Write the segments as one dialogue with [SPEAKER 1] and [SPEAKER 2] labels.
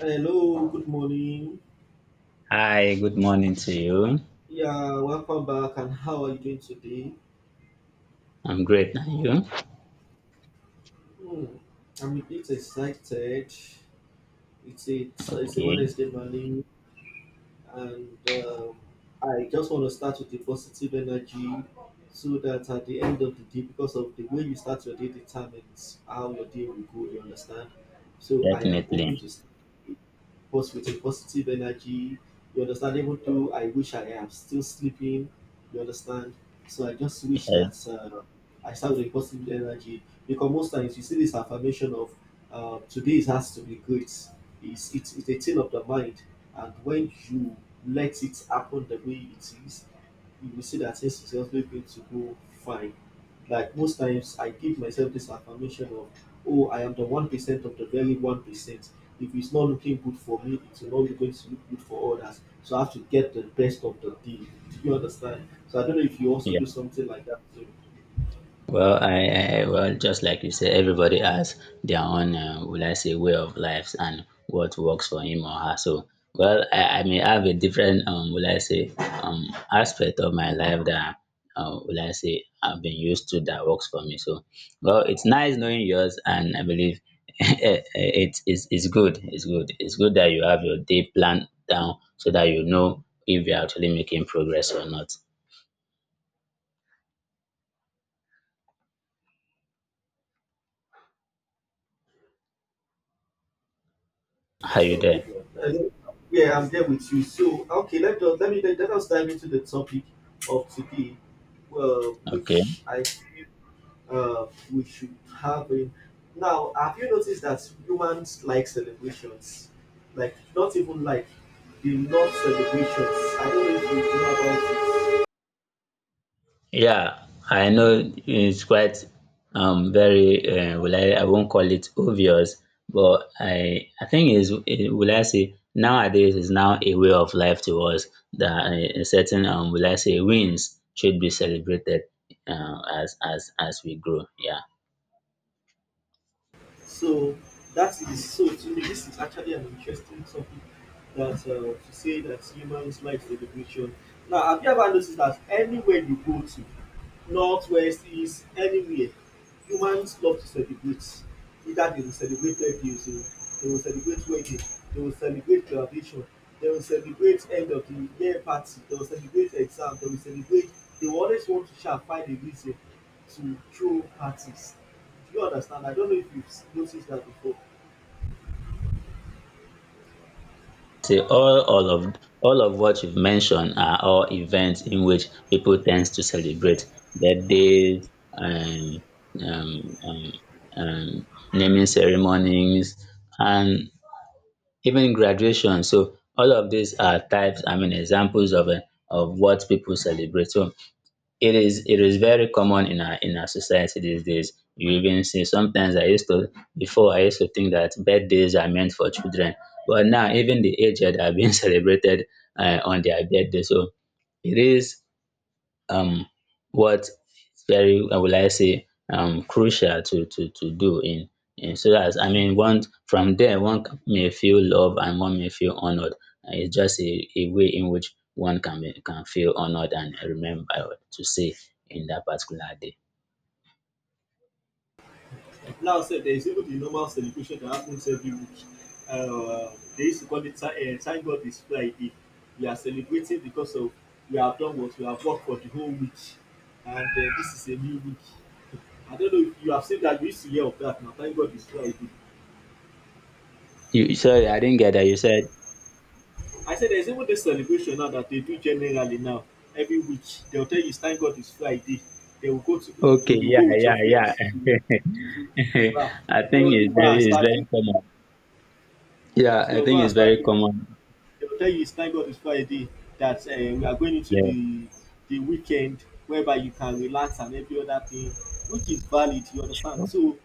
[SPEAKER 1] Hello, good morning.
[SPEAKER 2] Hi, good morning to you.
[SPEAKER 1] Yeah, welcome back. And how are you doing today?
[SPEAKER 2] I'm great. And you?
[SPEAKER 1] Hmm, I'm a bit excited. It's a it's a
[SPEAKER 2] Okay,
[SPEAKER 1] Wednesday morning. And I just want to start with the positive energy so that at the end of the day, because of the way you start your day determines how your day will go, you understand? So I am hoping
[SPEAKER 2] definitely.
[SPEAKER 1] to start post with a positive energy, you understand? Even though I wish I am still sleeping, you understand? So I just wish
[SPEAKER 2] Yes,
[SPEAKER 1] that I start with a positive energy because most times you see this affirmation of today it has to be great. It's a thing of the mind, and when you let it happen the way it is, you will see that things is also going to go fine. Like most times, I give myself this affirmation of, oh, I am the 1% of the very 1%. If it's not looking good for me, it's not going to look good for others. So I have to get the best of the deal. Do you understand? So I don't know if you also
[SPEAKER 2] yeah.
[SPEAKER 1] do something like that too.
[SPEAKER 2] Well, I well, just like you said, everybody has their own, will I say, way of lives and what works for him or her. So, well, I may have a different, will I say, aspect of my life that, will I say, I've been used to that works for me. So, well, it's nice knowing yours, and I believe it's good. It's good. It's good that you have your day planned down so that you know if you're actually making progress or not.
[SPEAKER 1] To
[SPEAKER 2] Are you
[SPEAKER 1] disturb
[SPEAKER 2] there?
[SPEAKER 1] you. Hello. Yeah, I'm there with you. So, okay, let us let me let, let us dive into the topic of today,
[SPEAKER 2] Okay.
[SPEAKER 1] which I feel uh, we should have. In. Now, have you noticed that humans like celebrations? Like, not even like, they love celebrations. I don't know if you know about it.
[SPEAKER 2] Yeah, I know it's quite very will I won't call it obvious, but I think is will I say nowadays is now a way of life to us that a certain will I say wins should be celebrated as we grow. Yeah.
[SPEAKER 1] So that is so, to me this is actually an interesting topic that, to say that humans like celebration. Now have you ever noticed that anywhere you go to, north, west, east, anywhere, humans love to celebrate? Either they will celebrate birthdays o, they will celebrate wedding, they will celebrate graduation, they will celebrate end of the year party, they will celebrate exam, they will celebrate, they will always want to sha find a reason to throw parties. Do you understand? I don't know if you've noticed that before.
[SPEAKER 2] say all of what you've mentioned are all events in which people tend to celebrate birthdays and um, um, um, naming ceremonies and even graduation. So all of these are types, I mean, examples of what people celebrate. So it is very common in our society these days. You even see sometimes I used to think that birthdays are meant for children, but now even the aged are being celebrated on their birthday. So it is um what very will I say crucial to to do in so that I mean one from there may feel love and one may feel honored. And it's just a way in which one can be, can feel honored and remembered to say in that particular day.
[SPEAKER 1] Now sef, there is even the normal celebration that happens every week. They used to call it thank God it's Friday. We are celebrating because of we have done what we have worked for the whole week, and this is a new week. I don't know if you have seen that. You used to hear of that, na, thank God it's Friday.
[SPEAKER 2] You Sorry, I didn't get that. You said
[SPEAKER 1] I said there's even this celebration now that they do generally now every week. They'll tell you, thank God it's Friday. They will go to, to
[SPEAKER 2] okay,
[SPEAKER 1] you go with your
[SPEAKER 2] yeah.
[SPEAKER 1] friends to, to, to bar.
[SPEAKER 2] I think
[SPEAKER 1] Everyone
[SPEAKER 2] it's
[SPEAKER 1] will go
[SPEAKER 2] very
[SPEAKER 1] and
[SPEAKER 2] it's
[SPEAKER 1] start
[SPEAKER 2] very
[SPEAKER 1] drinking.
[SPEAKER 2] common. Yeah, I
[SPEAKER 1] You'll go
[SPEAKER 2] think
[SPEAKER 1] and
[SPEAKER 2] it's
[SPEAKER 1] start
[SPEAKER 2] very
[SPEAKER 1] drinking.
[SPEAKER 2] common.
[SPEAKER 1] They will tell you it's thank God it's Friday, that you are going into
[SPEAKER 2] Yeah,
[SPEAKER 1] the weekend whereby you can relax and every other thing, which is valid. You understand? So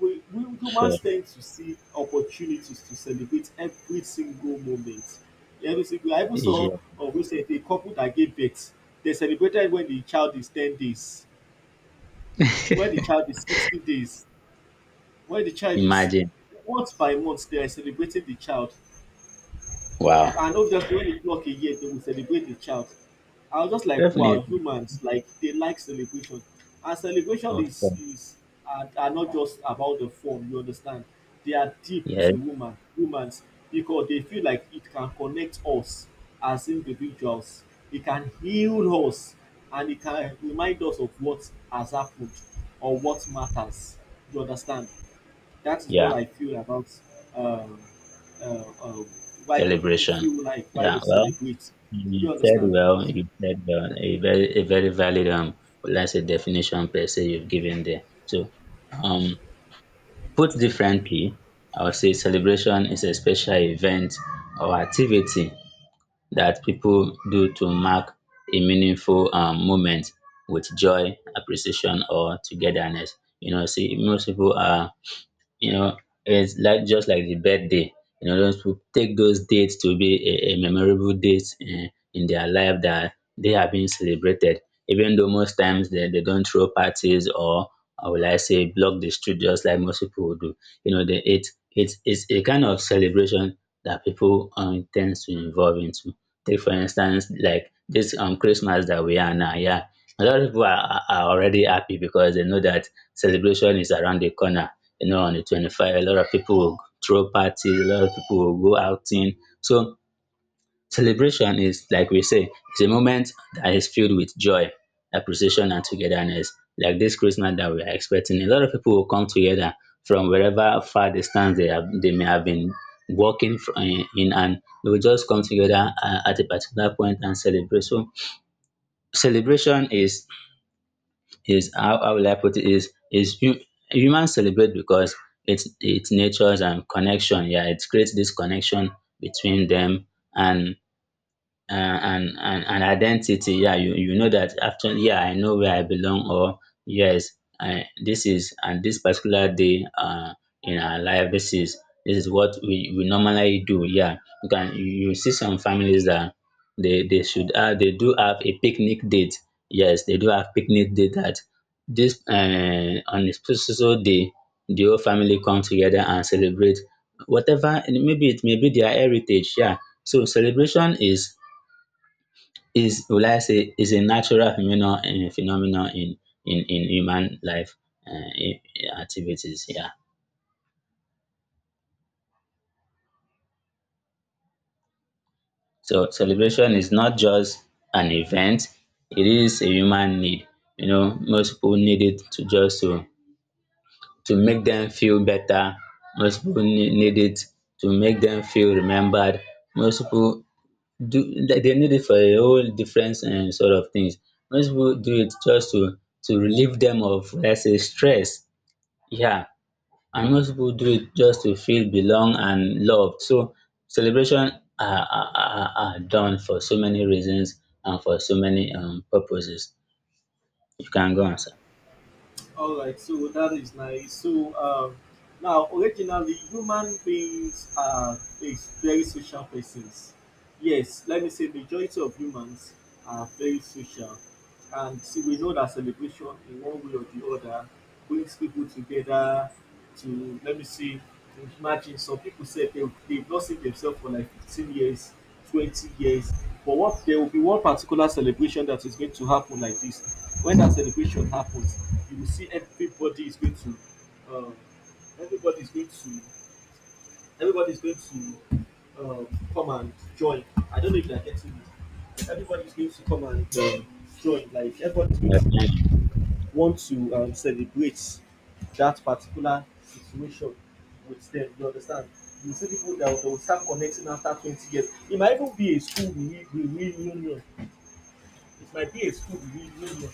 [SPEAKER 1] we humans
[SPEAKER 2] sure.
[SPEAKER 1] tend to see opportunities to celebrate every single moment. Every single. I even saw
[SPEAKER 2] Yeah,
[SPEAKER 1] of recent a couple that gave birth. They celebrated when the child is 10 days, when the child is 60 days, when the child is
[SPEAKER 2] imagine.
[SPEAKER 1] month by month. They are celebrating the child,
[SPEAKER 2] Wow.
[SPEAKER 1] and obviously when they clock a year they will celebrate the child. I was just like, wow,
[SPEAKER 2] Definitely.
[SPEAKER 1] humans like, they like celebration. And celebration
[SPEAKER 2] Okay.
[SPEAKER 1] is are not just about the form, you understand. They are deep to
[SPEAKER 2] Yes.
[SPEAKER 1] woman humans because they feel like it can connect us as individuals, it can heal us, and it can remind us of what has happened or what matters, you understand? That is what
[SPEAKER 2] Yeah.
[SPEAKER 1] I feel about, um, uh, uh, why people
[SPEAKER 2] Celebration.
[SPEAKER 1] feel like why they
[SPEAKER 2] Yeah. Well,
[SPEAKER 1] celebrate. Do
[SPEAKER 2] you
[SPEAKER 1] you
[SPEAKER 2] said
[SPEAKER 1] understand?
[SPEAKER 2] well. You said well. A very valid let's say definition per se you've given there. So, um, put differently, I would say celebration is a special event or activity that people do to mark a meaningful moment with joy, appreciation, or togetherness. You know, see, most people are, you know, it's like just like the birthday. You know, those people take those dates to be a memorable date in their life that they are being celebrated, even though most times they don't throw parties or will I say block the street just like most people would do. You know, it's a kind of celebration that people tends to involve into. Take for instance like this Christmas that we are now. Yeah, a lot of people are already happy because they know that celebration is around the corner. You know, on the 25th, a lot of people will throw parties, a lot of people will go outing. So celebration is, like we say, it's a moment that is filled with joy, appreciation, and togetherness. Like this Christmas that we are expecting, a lot of people will come together from wherever far distance they have, they may have been working fr- in and they will just come together at a particular point and celebrate. So celebration is how will I put it humans celebrate because it's nature's and connection. Yeah, it creates this connection between them and, and identity. Yeah, you know that after, yeah, I know where I belong or yes. I, this is and this particular day in our life, this is what we normally do. Yeah, you can you you see some families that they do have a picnic date. Yes, they do have picnic date that this, on a special day the whole family come together and celebrate whatever, and maybe it may be their heritage. Yeah, so celebration is will I say is a natural phenomenon in in human life, uh, i- activities. Yeah. So celebration is not just an event; it is a human need. You know, most people need it to just to make them feel better. Most people need it to make them feel remembered. Most people do, they need it for a whole different sort of things. Most people do it just to relieve them of, let's say, stress. Yeah. And most people do it just to feel belong and loved. So celebration are done for so many reasons and for so many purposes. You can go on, sir.
[SPEAKER 1] All right, so that is nice. So now, originally, human beings are is very social persons. Yes, let me say majority of humans are very social, and see, we know that celebration in one way or the other brings people together. To let me see, imagine some people said they've not seen themselves for like 15 years, 20 years. But what, there will be one particular celebration that is going to happen like this. When that celebration happens, you will see everybody is going to, um, everybody is going to, everybody is going to come and join. I don't know if they are getting it. Everybody is going to come and join. Like everybody is
[SPEAKER 2] Yes,
[SPEAKER 1] going to want to celebrate that particular situation with them, you understand? You see people that start connecting after 20 years. It might even be a school re re reunion. it might be a school reunion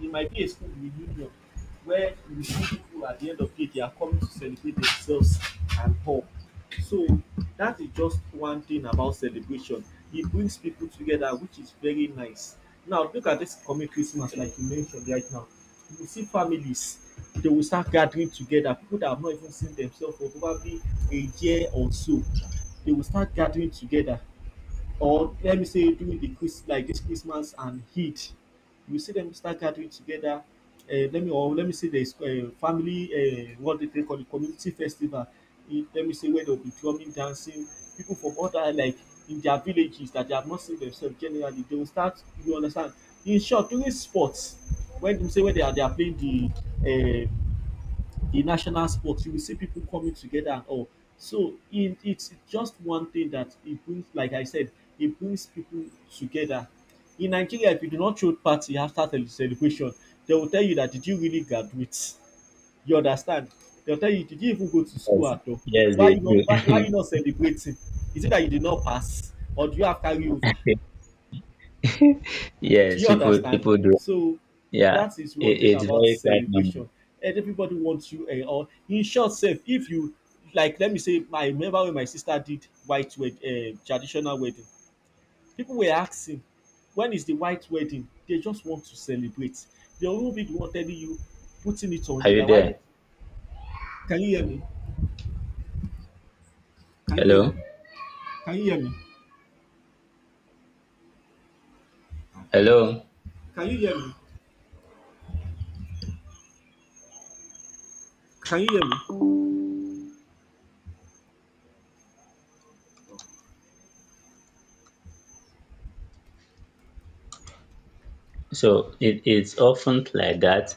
[SPEAKER 1] it might be a school reunion where you see people at the end of the day, they are coming to celebrate themselves and all. So that is just one thing about celebration. It brings people together, which is very nice. Now look at this coming Christmas, like you mentioned right now. You will see families, they will start gathering together. People that have not even seen themselves for probably a year or so, they will start gathering together, or let me say during the Chris like this Christmas and heat, you see them start gathering together. Let me, or let me say there is family, what they call the community festival. Let me say where they'll be drumming, dancing. People from other, like, in their villages that they have not seen themselves generally, they will start. You understand? In short, during sports, when you say when they are playing the national sport, you will see people coming together and all. So in, it's just one thing that it brings, like I said, it brings people together. In Nigeria, if you do not throw party after the celebration, they will tell you that, did you really graduate? You understand? They will tell you, did you even go to school
[SPEAKER 2] yes,
[SPEAKER 1] at all?
[SPEAKER 2] yes, they
[SPEAKER 1] Why, why you
[SPEAKER 2] do.
[SPEAKER 1] not celebrating? Is it that you did not pass, or do you have carry over? Do
[SPEAKER 2] Yes,
[SPEAKER 1] you understand?
[SPEAKER 2] people do.
[SPEAKER 1] So
[SPEAKER 2] Yeah,
[SPEAKER 1] that is one thing
[SPEAKER 2] it's
[SPEAKER 1] about
[SPEAKER 2] very quite normal.
[SPEAKER 1] celebration. And everybody wants you and all. In short, self, if you like, let me say, I remember when my sister did traditional wedding. People were asking, when is the white wedding? They just want to celebrate. They will be the one telling you, putting it on
[SPEAKER 2] Are
[SPEAKER 1] you
[SPEAKER 2] you
[SPEAKER 1] that why did,
[SPEAKER 2] there?
[SPEAKER 1] can you hear me? Can you hear me?
[SPEAKER 2] Hello,
[SPEAKER 1] Can you hear me?
[SPEAKER 2] hello.
[SPEAKER 1] Can you hear me? Can you hear me?
[SPEAKER 2] So it's often like that.